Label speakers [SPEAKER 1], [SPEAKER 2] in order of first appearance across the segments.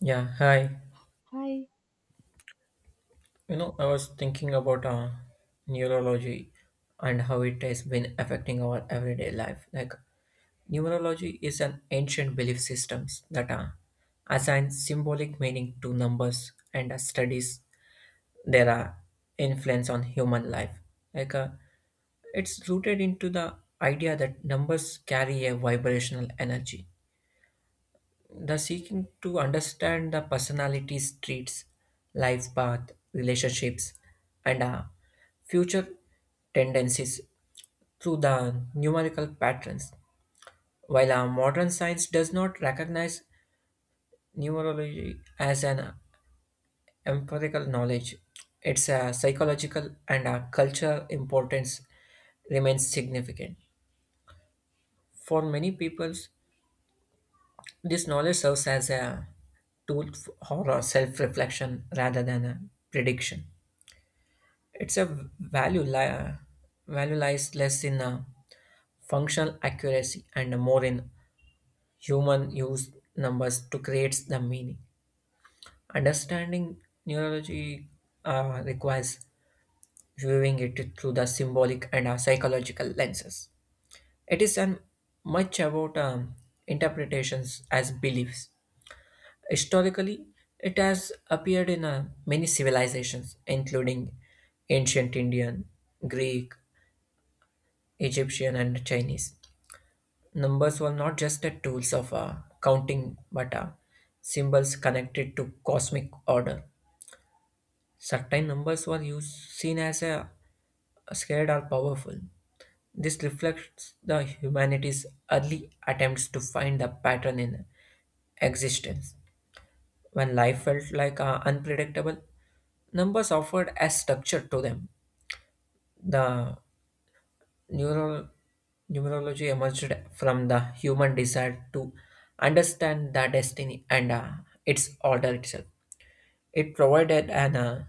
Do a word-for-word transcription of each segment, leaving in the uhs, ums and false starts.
[SPEAKER 1] Yeah, hi.
[SPEAKER 2] Hi.
[SPEAKER 1] You know, I was thinking about uh, neurology and how it has been affecting our everyday life. Like, neurology is an ancient belief systems that uh, assign symbolic meaning to numbers and uh, studies their uh, influence on human life. Like, uh, it's rooted into the idea that numbers carry a vibrational energy. The seeking to understand the personality traits, life path, relationships, and uh, future tendencies through the numerical patterns. While our modern science does not recognize numerology as an empirical knowledge, its uh, psychological and uh, cultural importance remains significant. For many people, this knowledge serves as a tool for self reflection rather than a prediction. It's a value li- value lies less in uh, functional accuracy and more in human use numbers to create the meaning. Understanding neurology uh, requires viewing it through the symbolic and uh, psychological lenses. It is an much about um, interpretations as beliefs. Historically, it has appeared in uh, many civilizations, including ancient Indian, Greek, Egyptian, and Chinese. Numbers were not just a tools of uh, counting, but uh, symbols connected to cosmic order. Certain numbers were used, seen as a scared or powerful. This reflects the humanity's early attempts to find the pattern in existence. When life felt like uh, unpredictable, numbers offered a structure to them. The Neural, Numerology emerged from the human desire to understand the destiny and uh, its order itself. It provided an uh,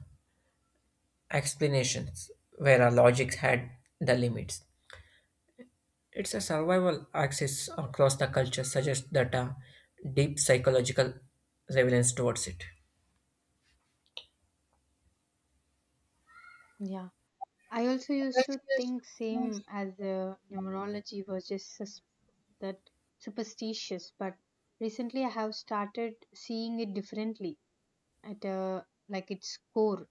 [SPEAKER 1] explanation where our logic had the limits. It's a survival axis across the culture suggests that a deep psychological relevance towards it.
[SPEAKER 2] Yeah, I also used to think same as the numerology was just sus- that superstitious, but recently I have started seeing it differently at a like its core.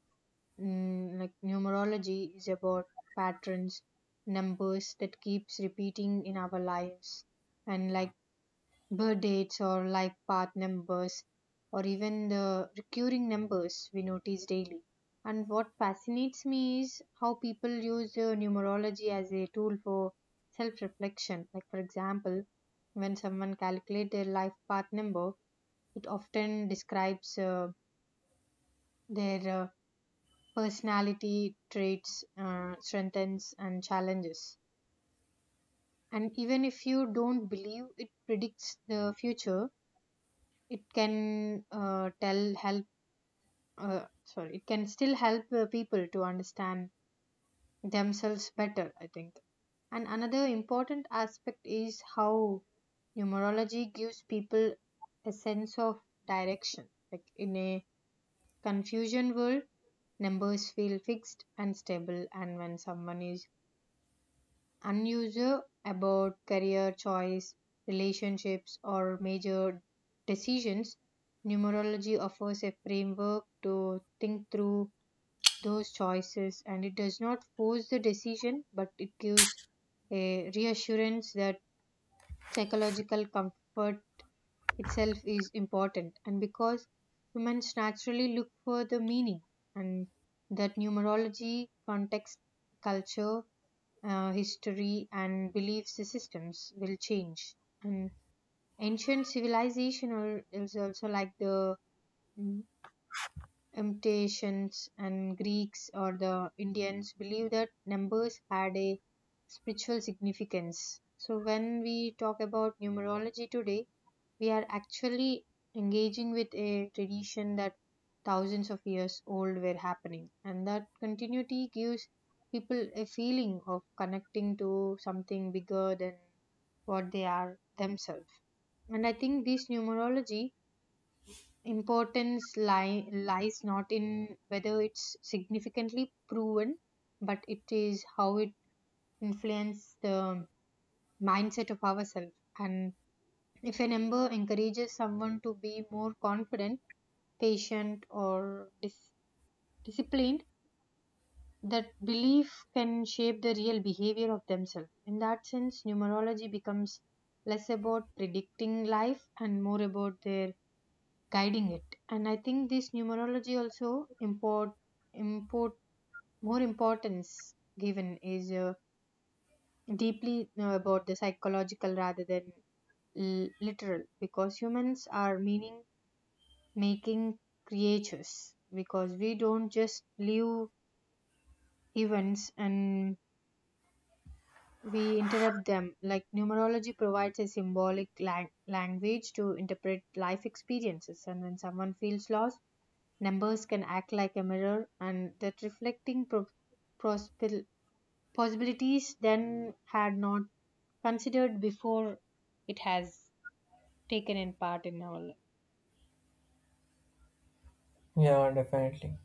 [SPEAKER 2] Mm, like, numerology is about patterns, numbers that keeps repeating in our lives, and like birth dates or life path numbers or even the recurring numbers we notice daily. And what fascinates me is how people use uh, numerology as a tool for self reflection. Like, for example, when someone calculates their life path number, it often describes uh, their uh, personality, traits, uh, strengths, and challenges. And even if you don't believe it predicts the future, it can uh, tell help uh, sorry it can still help uh, people to understand themselves better, I think. And another important aspect is how numerology gives people a sense of direction, like in a confusion world, numbers feel fixed and stable. And when someone is unusual about career choice, relationships, or major decisions, numerology offers a framework to think through those choices, and it does not force the decision, but it gives a reassurance that psychological comfort itself is important. And because humans naturally look for the meaning, and that numerology context, culture, uh, history, and belief systems will change. And ancient civilization al- is also like the mm, Emptations and Greeks or the Indians believed that numbers had a spiritual significance. So, when we talk about numerology today, we are actually engaging with a tradition that thousands of years old were happening, and that continuity gives people a feeling of connecting to something bigger than what they are themselves. And I think this numerology importance lie, lies not in whether it's significantly proven, but it is how it influences the mindset of ourselves. And if an ember encourages someone to be more confident, patient, or dis- disciplined, that belief can shape the real behavior of themselves. In that sense, numerology becomes less about predicting life and more about their guiding it. And I think this numerology also import import more importance given is uh, deeply uh, about the psychological rather than l- literal, because humans are meaning making creatures, because we don't just live events and we interrupt them. Like numerology provides a symbolic lang- language to interpret life experiences, and when someone feels lost, numbers can act like a mirror, and that reflecting pro- prospel- possibilities then had not considered before, it has taken in part in our life.
[SPEAKER 1] Yeah, definitely.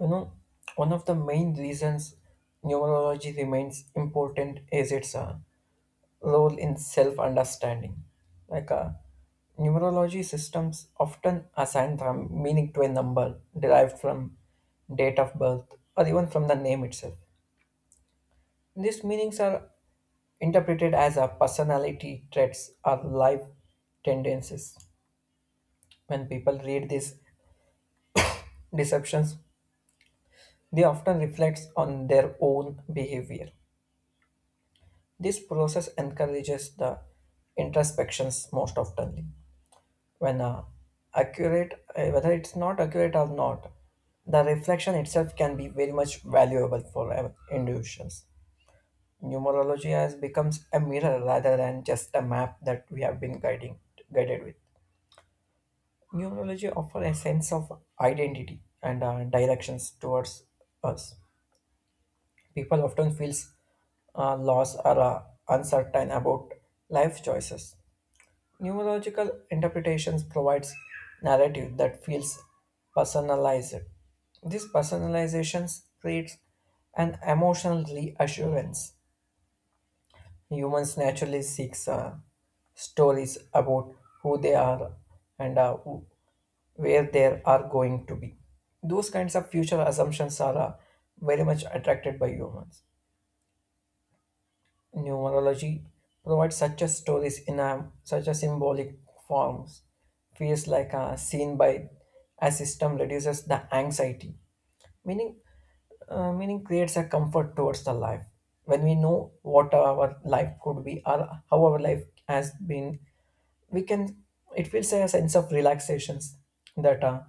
[SPEAKER 1] You know, one of the main reasons numerology remains important is its uh, role in self understanding. Like uh, neurology systems often assign the meaning to a number derived from date of birth or even from the name itself. These meanings are interpreted as a personality traits or life tendencies. When people read these deceptions, they often reflect on their own behavior. This process encourages the introspections most oftenly. When uh, accurate, uh, whether it's not accurate or not, the reflection itself can be very much valuable for uh, individuals. Numerology has becomes a mirror rather than just a map that we have been guiding guided with. Numerology offers a sense of identity and uh, directions towards us. People often feels uh, lost or uh, uncertain about life choices. Neurological interpretations provides narrative that feels personalized. This personalization creates an emotional reassurance. Humans naturally seek uh, stories about who they are and uh, who, where they are going to be. Those kinds of future assumptions are uh, very much attracted by humans. Numerology provides such a stories in a, such a symbolic forms feels like a seen by a system reduces the anxiety meaning, uh, meaning creates a comfort towards the life. When we know what our life could be or how our life has been, we can, it feels like a sense of relaxations, that uh,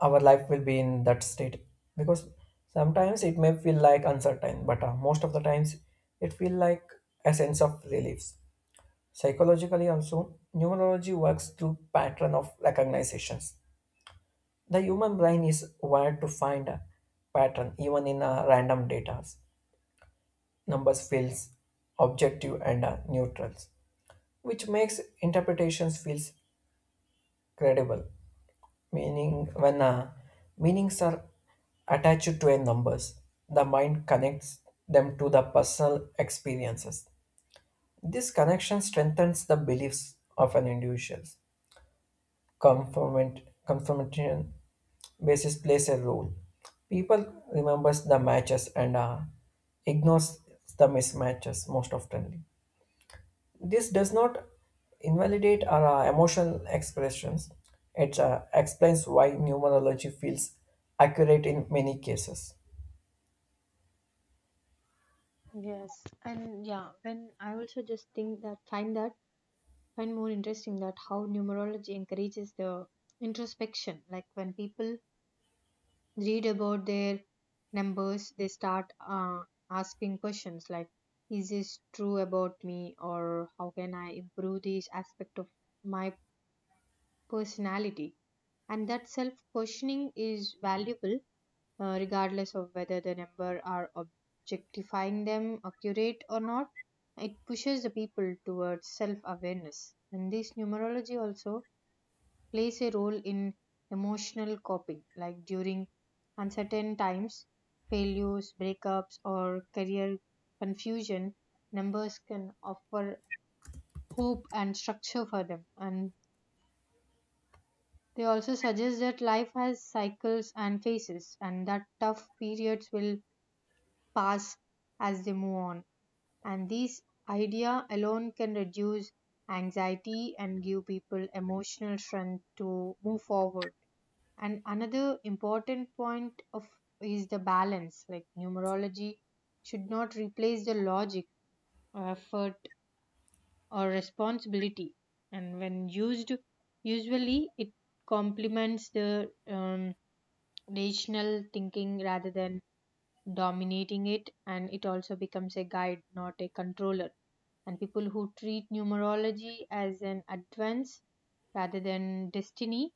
[SPEAKER 1] our life will be in that state, because sometimes it may feel like uncertain but uh, most of the times it feel like a sense of relief. Psychologically also numerology works through pattern of recognitions. The human brain is wired to find a pattern even in uh, random data. Numbers feels objective and uh, neutrals, which makes interpretations feels credible. Meaning, when uh, meanings are attached to a numbers, the mind connects them to the personal experiences. This connection strengthens the beliefs of an individual. Conformant, conformation basis plays a role. People remembers the matches and uh, ignores the mismatches most often. This does not invalidate our uh, emotional expressions. It uh, explains why numerology feels accurate in many cases.
[SPEAKER 2] Yes, and yeah, when I also just think that find that find more interesting that how numerology encourages the introspection, like when people read about their numbers, they start uh, asking questions like, is this true about me? Or how can I improve this aspect of my personality? And that self questioning is valuable uh, regardless of whether the number are objectifying them accurate or not. It pushes the people towards self awareness. And this numerology also plays a role in emotional coping, like during uncertain times, failures, breakups, or career confusion, numbers can offer hope and structure for them. And they also suggest that life has cycles and phases, and that tough periods will pass as they move on. And this idea alone can reduce anxiety and give people emotional strength to move forward. And another important point of is the balance, like numerology should not replace the logic, effort, or responsibility. And when used usually, it complements the um, rational thinking rather than dominating it, and it also becomes a guide, not a controller. And people who treat numerology as an advance rather than destiny,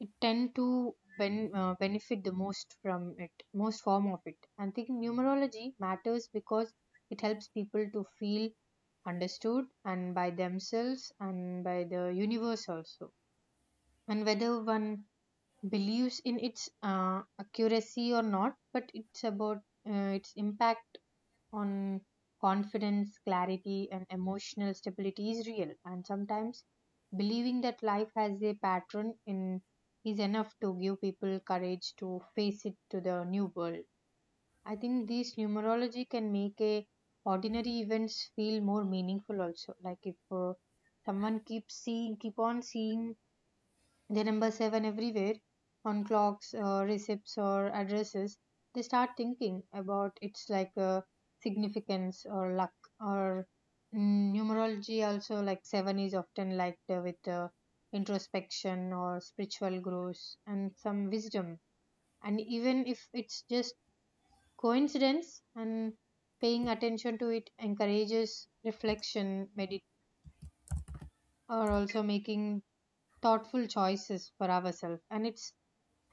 [SPEAKER 2] it tend to ben, uh, benefit the most from it, most form of it. And thinking numerology matters because it helps people to feel understood and by themselves and by the universe also. And whether one believes in its uh, accuracy or not, but it's about uh, its impact on confidence, clarity, and emotional stability is real. And sometimes believing that life has a pattern in is enough to give people courage to face it to the new world. I think this numerology can make a ordinary events feel more meaningful also. Like if uh, someone keeps seeing, keep on seeing they number seven everywhere on clocks, uh, receipts, or addresses. They start thinking about it's like uh, significance or luck or mm, numerology. Also, like seven is often liked uh, with uh, introspection or spiritual growth and some wisdom. And even if it's just coincidence, and paying attention to it encourages reflection, medit, or also making thoughtful choices for ourselves. And it's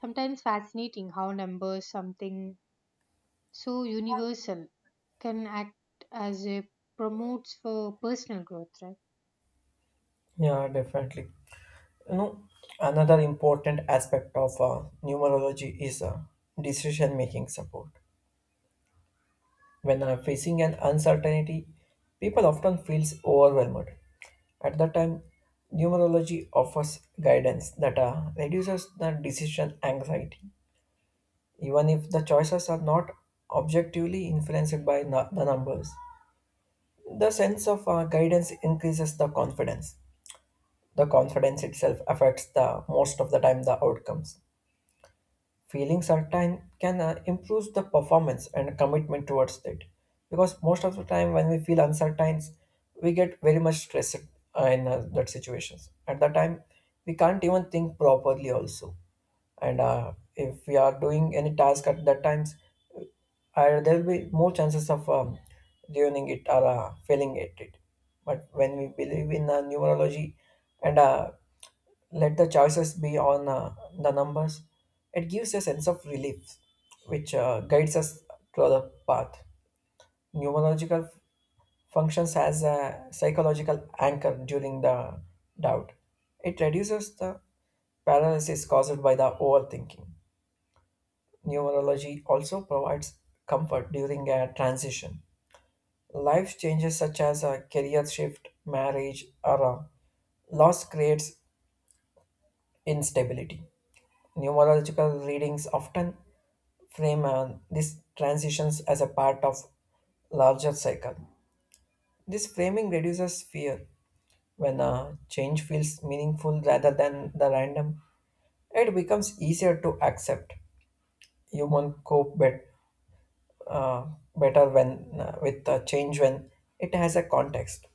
[SPEAKER 2] sometimes fascinating how numbers, something so universal, can act as a promotes for personal growth, right?
[SPEAKER 1] Yeah, definitely. You know, another important aspect of uh, numerology is uh, decision-making support. When uh, facing an uncertainty, people often feel overwhelmed. At that time, numerology offers guidance that uh, reduces the decision anxiety, even if the choices are not objectively influenced by nu- the numbers. The sense of uh, guidance increases the confidence. The confidence itself affects the most of the time the outcomes. Feeling certain can uh, improve the performance and commitment towards it, because most of the time when we feel uncertain, we get very much stressed uh, in uh, that situations. At that time, we can't even think properly also, and uh, if we are doing any task at that times, and there will be more chances of um, ruining it or uh, failing at it. But when we believe in uh, numerology and uh, let the choices be on uh, the numbers, it gives a sense of relief, which uh, guides us to the path. Numerological functions as a psychological anchor during the doubt. It reduces the paralysis caused by the overthinking. Numerology also provides comfort during a transition. Life changes such as a career shift, marriage, or a loss creates instability. Numerological readings often frame uh, these transitions as a part of larger cycle. This framing reduces fear. When a change feels meaningful rather than the random, it becomes easier to accept. Human cope bet, uh, better when uh, with a change when it has a context.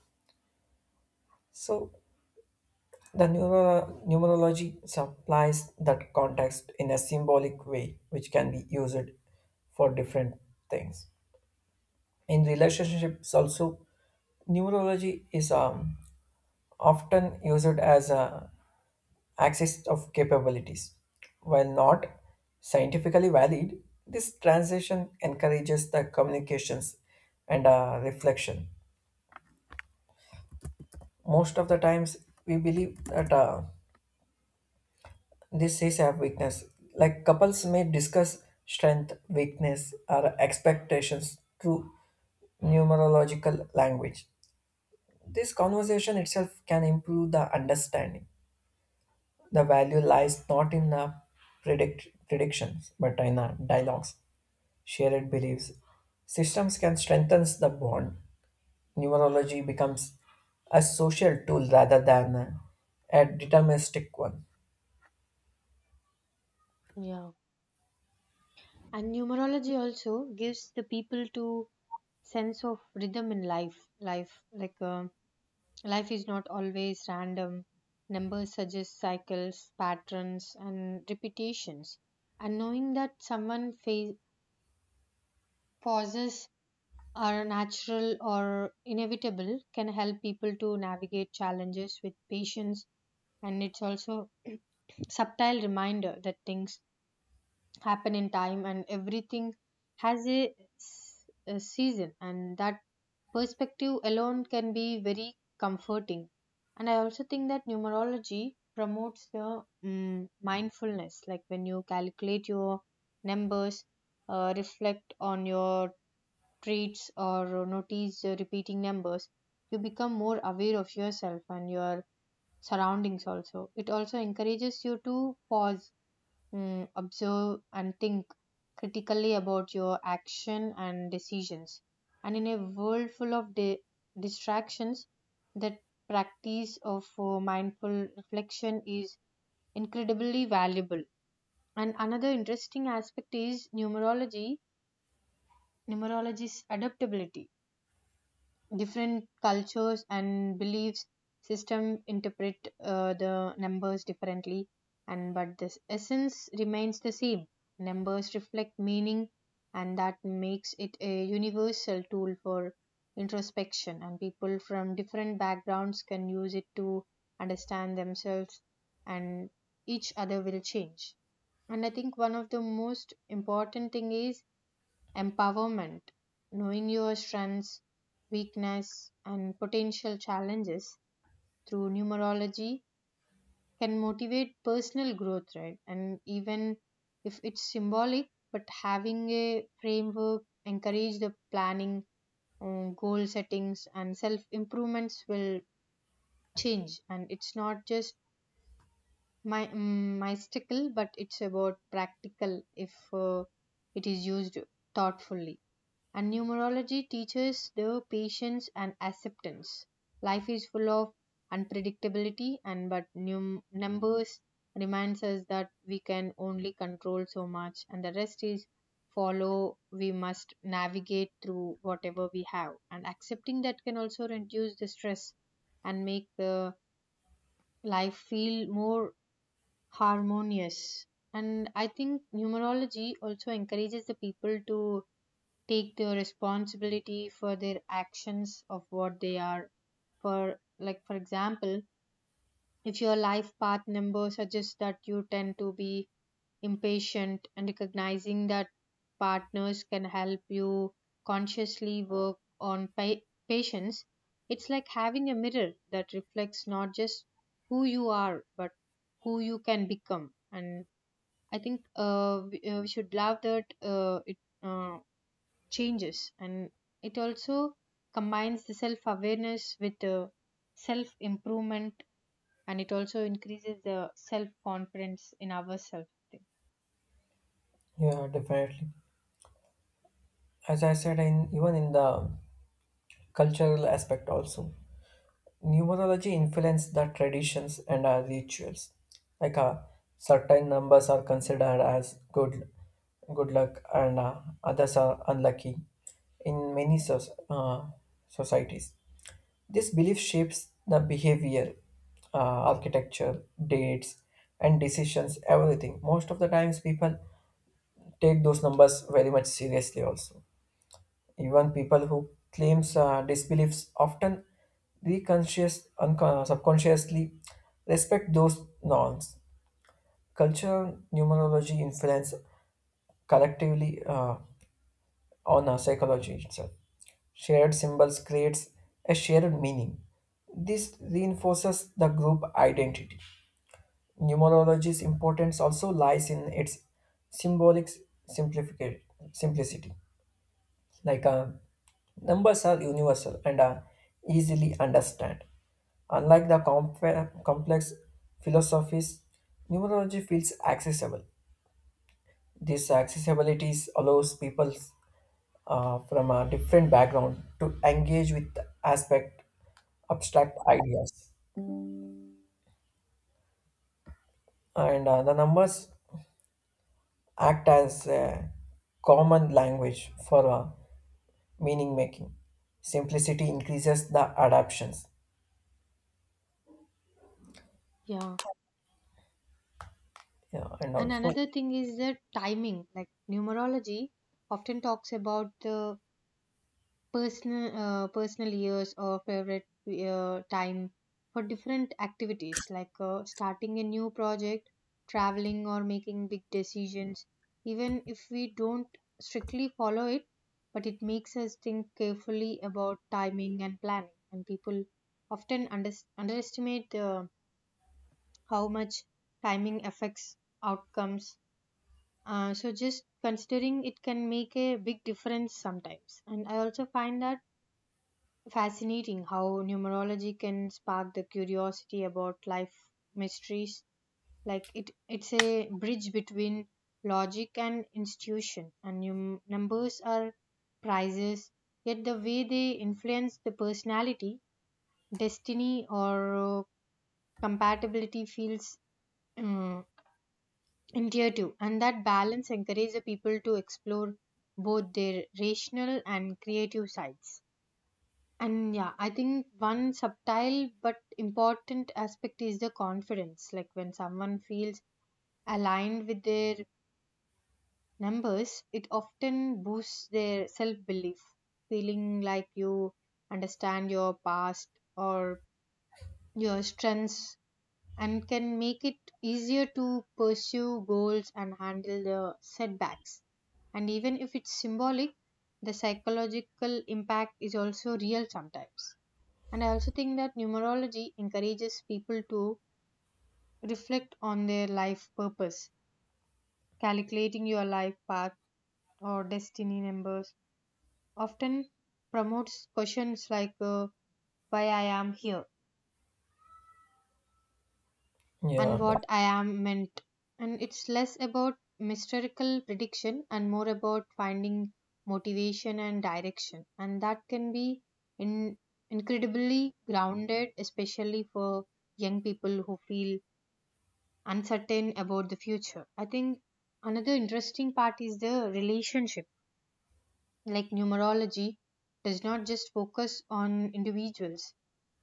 [SPEAKER 1] So the neuro- numerology supplies that context in a symbolic way, which can be used for different things. In relationships, also, numerology is um, often used as a axis of capabilities. While not scientifically valid, this transition encourages the communications and uh, reflection. Most of the times, we believe that. Uh, This is a weakness. Like couples may discuss strength, weakness, or expectations through numerological language. This conversation itself can improve the understanding. The value lies not in the predict- predictions, but in the dialogues, shared beliefs. Systems can strengthen the bond. Numerology becomes a social tool rather than a, a deterministic one.
[SPEAKER 2] Yeah. And numerology also gives the people to sense of rhythm in life. Life like uh, life is not always random. Numbers suggest cycles, patterns, and repetitions. And knowing that someone fa- pauses are natural or inevitable can help people to navigate challenges with patience. And it's also subtle reminder that things happen in time and everything has a, s- a season, and that perspective alone can be very comforting. And I also think that numerology promotes the mm mindfulness, like when you calculate your numbers, uh, reflect on your traits or notice uh, repeating numbers, you become more aware of yourself and your surroundings also. It also encourages you to pause, mm, observe, and think critically about your action and decisions. And in a world full of di- distractions, that practice of uh, mindful reflection is incredibly valuable. And another interesting aspect is numerology, numerology's adaptability, different cultures and beliefs system interpret uh, the numbers differently, and but this essence remains the same, numbers reflect meaning, and that makes it a universal tool for introspection, and people from different backgrounds can use it to understand themselves and each other will change. And I think one of the most important thing is empowerment, knowing your strengths, weakness, and potential challenges through numerology can motivate personal growth, right? And even if it's symbolic, but having a framework, encourage the planning, um, goal settings, and self improvements will change. And it's not just my um, mystical, but it's about practical if uh, it is used thoughtfully. And numerology teaches the patience and acceptance. Life is full of unpredictability, and but num- numbers reminds us that we can only control so much, and the rest is follow we must navigate through whatever we have, and accepting that can also reduce the stress and make the life feel more harmonious. And I think numerology also encourages the people to take the responsibility for their actions of what they are for, like for example, if your life path number suggests that you tend to be impatient, and recognizing that partners can help you consciously work on pa- patience. It's like having a mirror that reflects not just who you are but who you can become. And I think uh, we, uh, we should love that uh, it uh, changes, and it also combines the self awareness with uh, self improvement, and it also increases the self confidence in ourselves.
[SPEAKER 1] Yeah, definitely. As I said, in even in the cultural aspect also. Numerology influences the traditions and our rituals. Like uh, certain numbers are considered as good, good luck, and uh, others are unlucky. In many soc uh, societies, this belief shapes the behavior, uh, architecture, dates, and decisions. Everything. Most of the times, people take those numbers very much seriously. Also, even people who claims uh, disbeliefs often reconscious, unco- subconsciously respect those norms. Cultural numerology influence collectively uh, on our psychology itself. Shared symbols creates a shared meaning. This reinforces the group identity. Numerology's importance also lies in its symbolic simplifica- simplicity. Like uh, numbers are universal and are easily understand. Unlike the comp- complex philosophies, numerology feels accessible. This accessibility allows people uh, from a different background to engage with aspect abstract ideas. And uh, the numbers act as a common language for uh, meaning making. Simplicity increases the adaptations,
[SPEAKER 2] Yeah,
[SPEAKER 1] yeah, and
[SPEAKER 2] and
[SPEAKER 1] also
[SPEAKER 2] another thing is the timing, like numerology often talks about the personal uh, personal years or favorite uh, time for different activities, like uh, starting a new project, traveling, or making big decisions. Even if we don't strictly follow it, but it makes us think carefully about timing and planning, and people often under- underestimate uh, how much timing affects outcomes, uh, so just considering it can make a big difference sometimes. And I also find that fascinating how numerology can spark the curiosity about life mysteries. Like it, it's a bridge between logic and institution, and num- numbers are prizes. Yet the way they influence the personality, destiny, or uh, compatibility feels um, intuitive, and that balance encourages the people to explore both their rational and creative sides. And yeah, I think one subtle but important aspect is the confidence. Like when someone feels aligned with their numbers, it often boosts their self belief. Feeling like you understand your past or your strengths and can make it easier to pursue goals and handle the setbacks. And even if it's symbolic, the psychological impact is also real sometimes. And I also think that numerology encourages people to reflect on their life purpose. Calculating your life path or destiny numbers often promotes questions like uh, why I am here and
[SPEAKER 1] Yeah,
[SPEAKER 2] what
[SPEAKER 1] def-
[SPEAKER 2] I am meant. And it's less about mystical prediction and more about finding motivation and direction. And that can be in, incredibly grounded, especially for young people who feel uncertain about the future. I think another interesting part is the relationship. Like numerology does not just focus on individuals,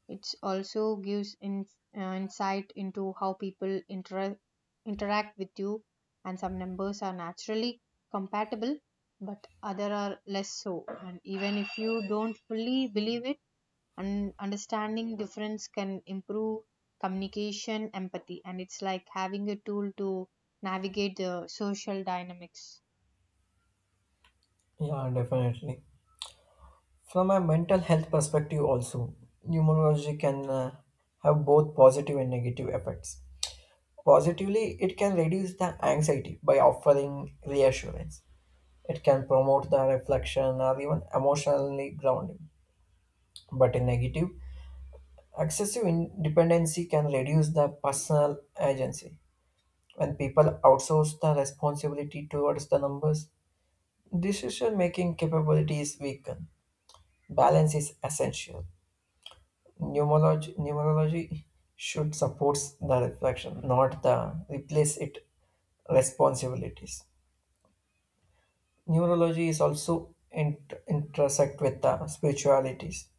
[SPEAKER 2] it also gives in, uh, insight into how people inter- interact with you, and some numbers are naturally compatible, but other are less so. And even if you don't fully believe it, and understanding difference can improve communication empathy, and it's like having a tool to navigate the social dynamics.
[SPEAKER 1] yeah, definitely. From a mental health perspective, also, numerology can uh, have both positive and negative effects. Positively, it can reduce the anxiety by offering reassurance. It can promote the reflection or even emotionally grounding. But in negative, excessive in- dependency can reduce the personal agency. When people outsource the responsibility towards the numbers, decision making capability is weakened. Balance is essential. Pneumology, pneumology should support the reflection, not the replace it responsibilities. Neurology is also in, intersect with the spiritualities.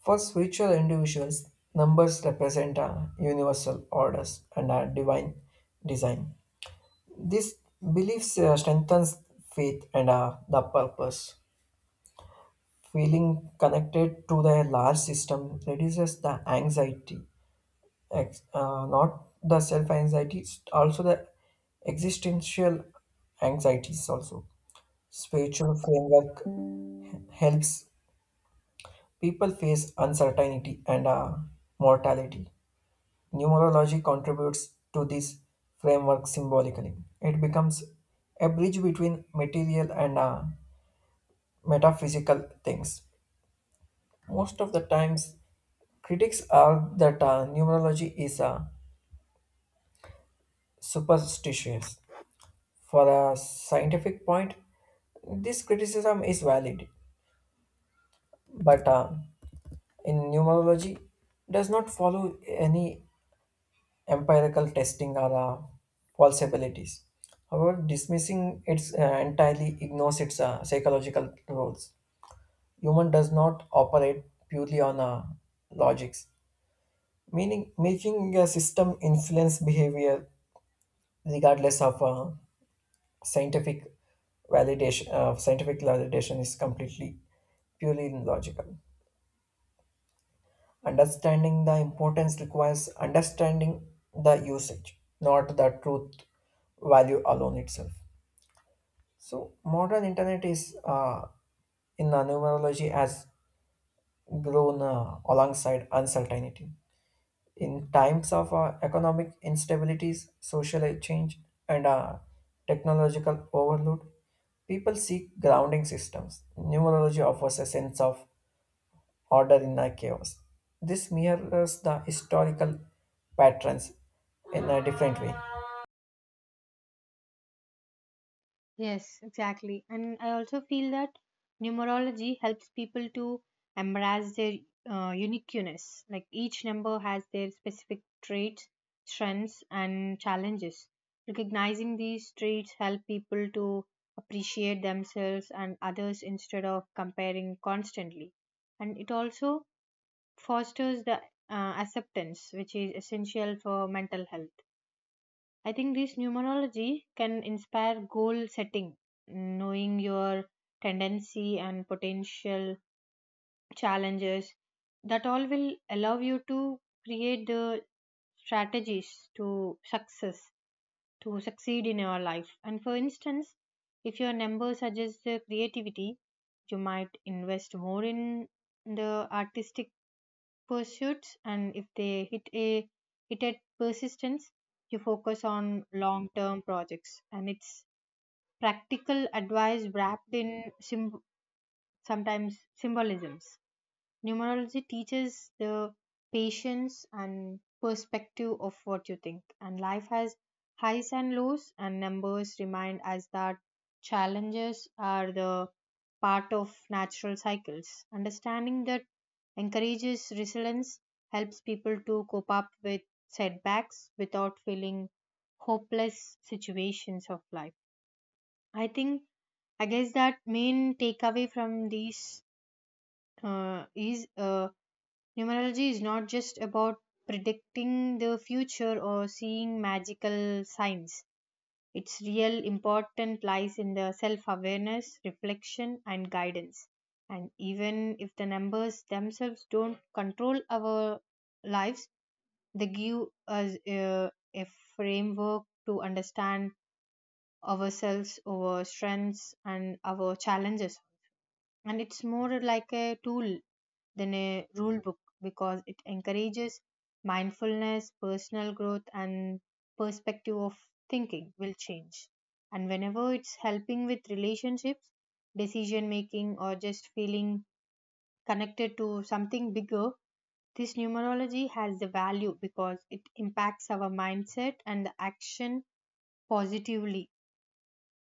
[SPEAKER 1] For spiritual individuals, numbers represent a universal orders and a divine design. This beliefs uh, strengthens faith and uh, the purpose. Feeling connected to the large system reduces the anxiety ex- uh, not the self anxiety, it's also the existential anxieties also. Spiritual framework helps people face uncertainty and uh, mortality. Numerology contributes to this framework symbolically. It becomes a bridge between material and uh, metaphysical things. Most of the times, critics are that uh, numerology is uh, superstitious. For a scientific point, this criticism is valid, but uh, in numerology does not follow any empirical testing or uh, falsibilities. However, dismissing it uh, entirely ignores its uh, psychological roles. Human does not operate purely on uh, logics, meaning making a system influence behavior regardless of uh, scientific validation. uh, scientific validation is completely purely logical. Understanding the importance requires understanding the usage not the truth value alone itself. So modern internet is uh, in the numerology has grown uh, alongside uncertainty. In times of uh, economic instabilities, social change, and uh, technological overload, people seek grounding systems. Numerology offers a sense of order in a chaos. This mirrors the historical patterns in a different way.
[SPEAKER 2] Yes, exactly. And I also feel that numerology helps people to embrace their uh, uniqueness. Like each number has their specific traits, strengths, and challenges. Recognizing these traits help people to appreciate themselves and others instead of comparing constantly. And it also fosters the uh, acceptance, which is essential for mental health. I think this numerology can inspire goal setting, knowing your tendency and potential challenges. That all will allow you to create the strategies to success, to succeed in your life. And for instance, if your number suggests uh, creativity, you might invest more in the artistic pursuits, and if they hit a hit at persistence, you focus on long term projects, and it's practical advice wrapped in symb- sometimes symbolisms. Numerology teaches the patience and perspective of what you think, and life has highs and lows, and numbers remind us that challenges are the part of natural cycles. Understanding that encourages resilience, helps people to cope up with setbacks without feeling hopeless situations of life. I think, I guess that main takeaway from these uh, is uh, numerology is not just about predicting the future or seeing magical signs. Its real importance lies in the self awareness, reflection, and guidance. And even if the numbers themselves don't control our lives, they give us a, a framework to understand ourselves, our strengths, and our challenges. And it's more like a tool than a rule book, because it encourages mindfulness, personal growth, and perspective of thinking will change. And whenever it's helping with relationships, decision making, or just feeling connected to something bigger, this numerology has the value because it impacts our mindset and the action positively.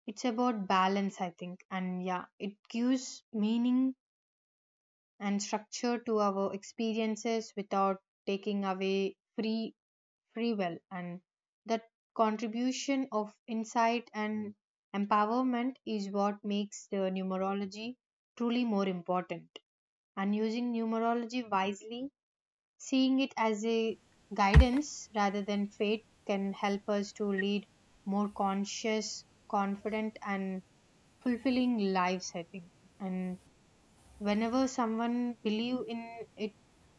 [SPEAKER 2] It's about balance, I think. And yeah, it gives meaning and structure to our experiences without taking away free free will, and that contribution of insight and empowerment is what makes the numerology truly more important. And using numerology wisely, seeing it as a guidance rather than fate, can help us to lead more conscious, confident, and fulfilling lives, I think. And whenever someone believe in it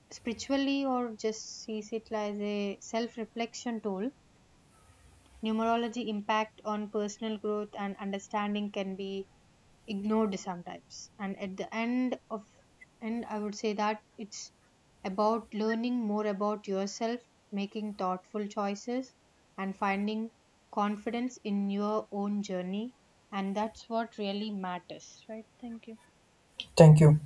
[SPEAKER 2] spiritually or just sees it as a self-reflection tool, numerology impact on personal growth and understanding can be ignored sometimes. And at the end of end, I would say that it's about learning more about yourself, making thoughtful choices, and finding confidence in your own journey. And that's what really matters, right? Thank you.
[SPEAKER 1] Thank you.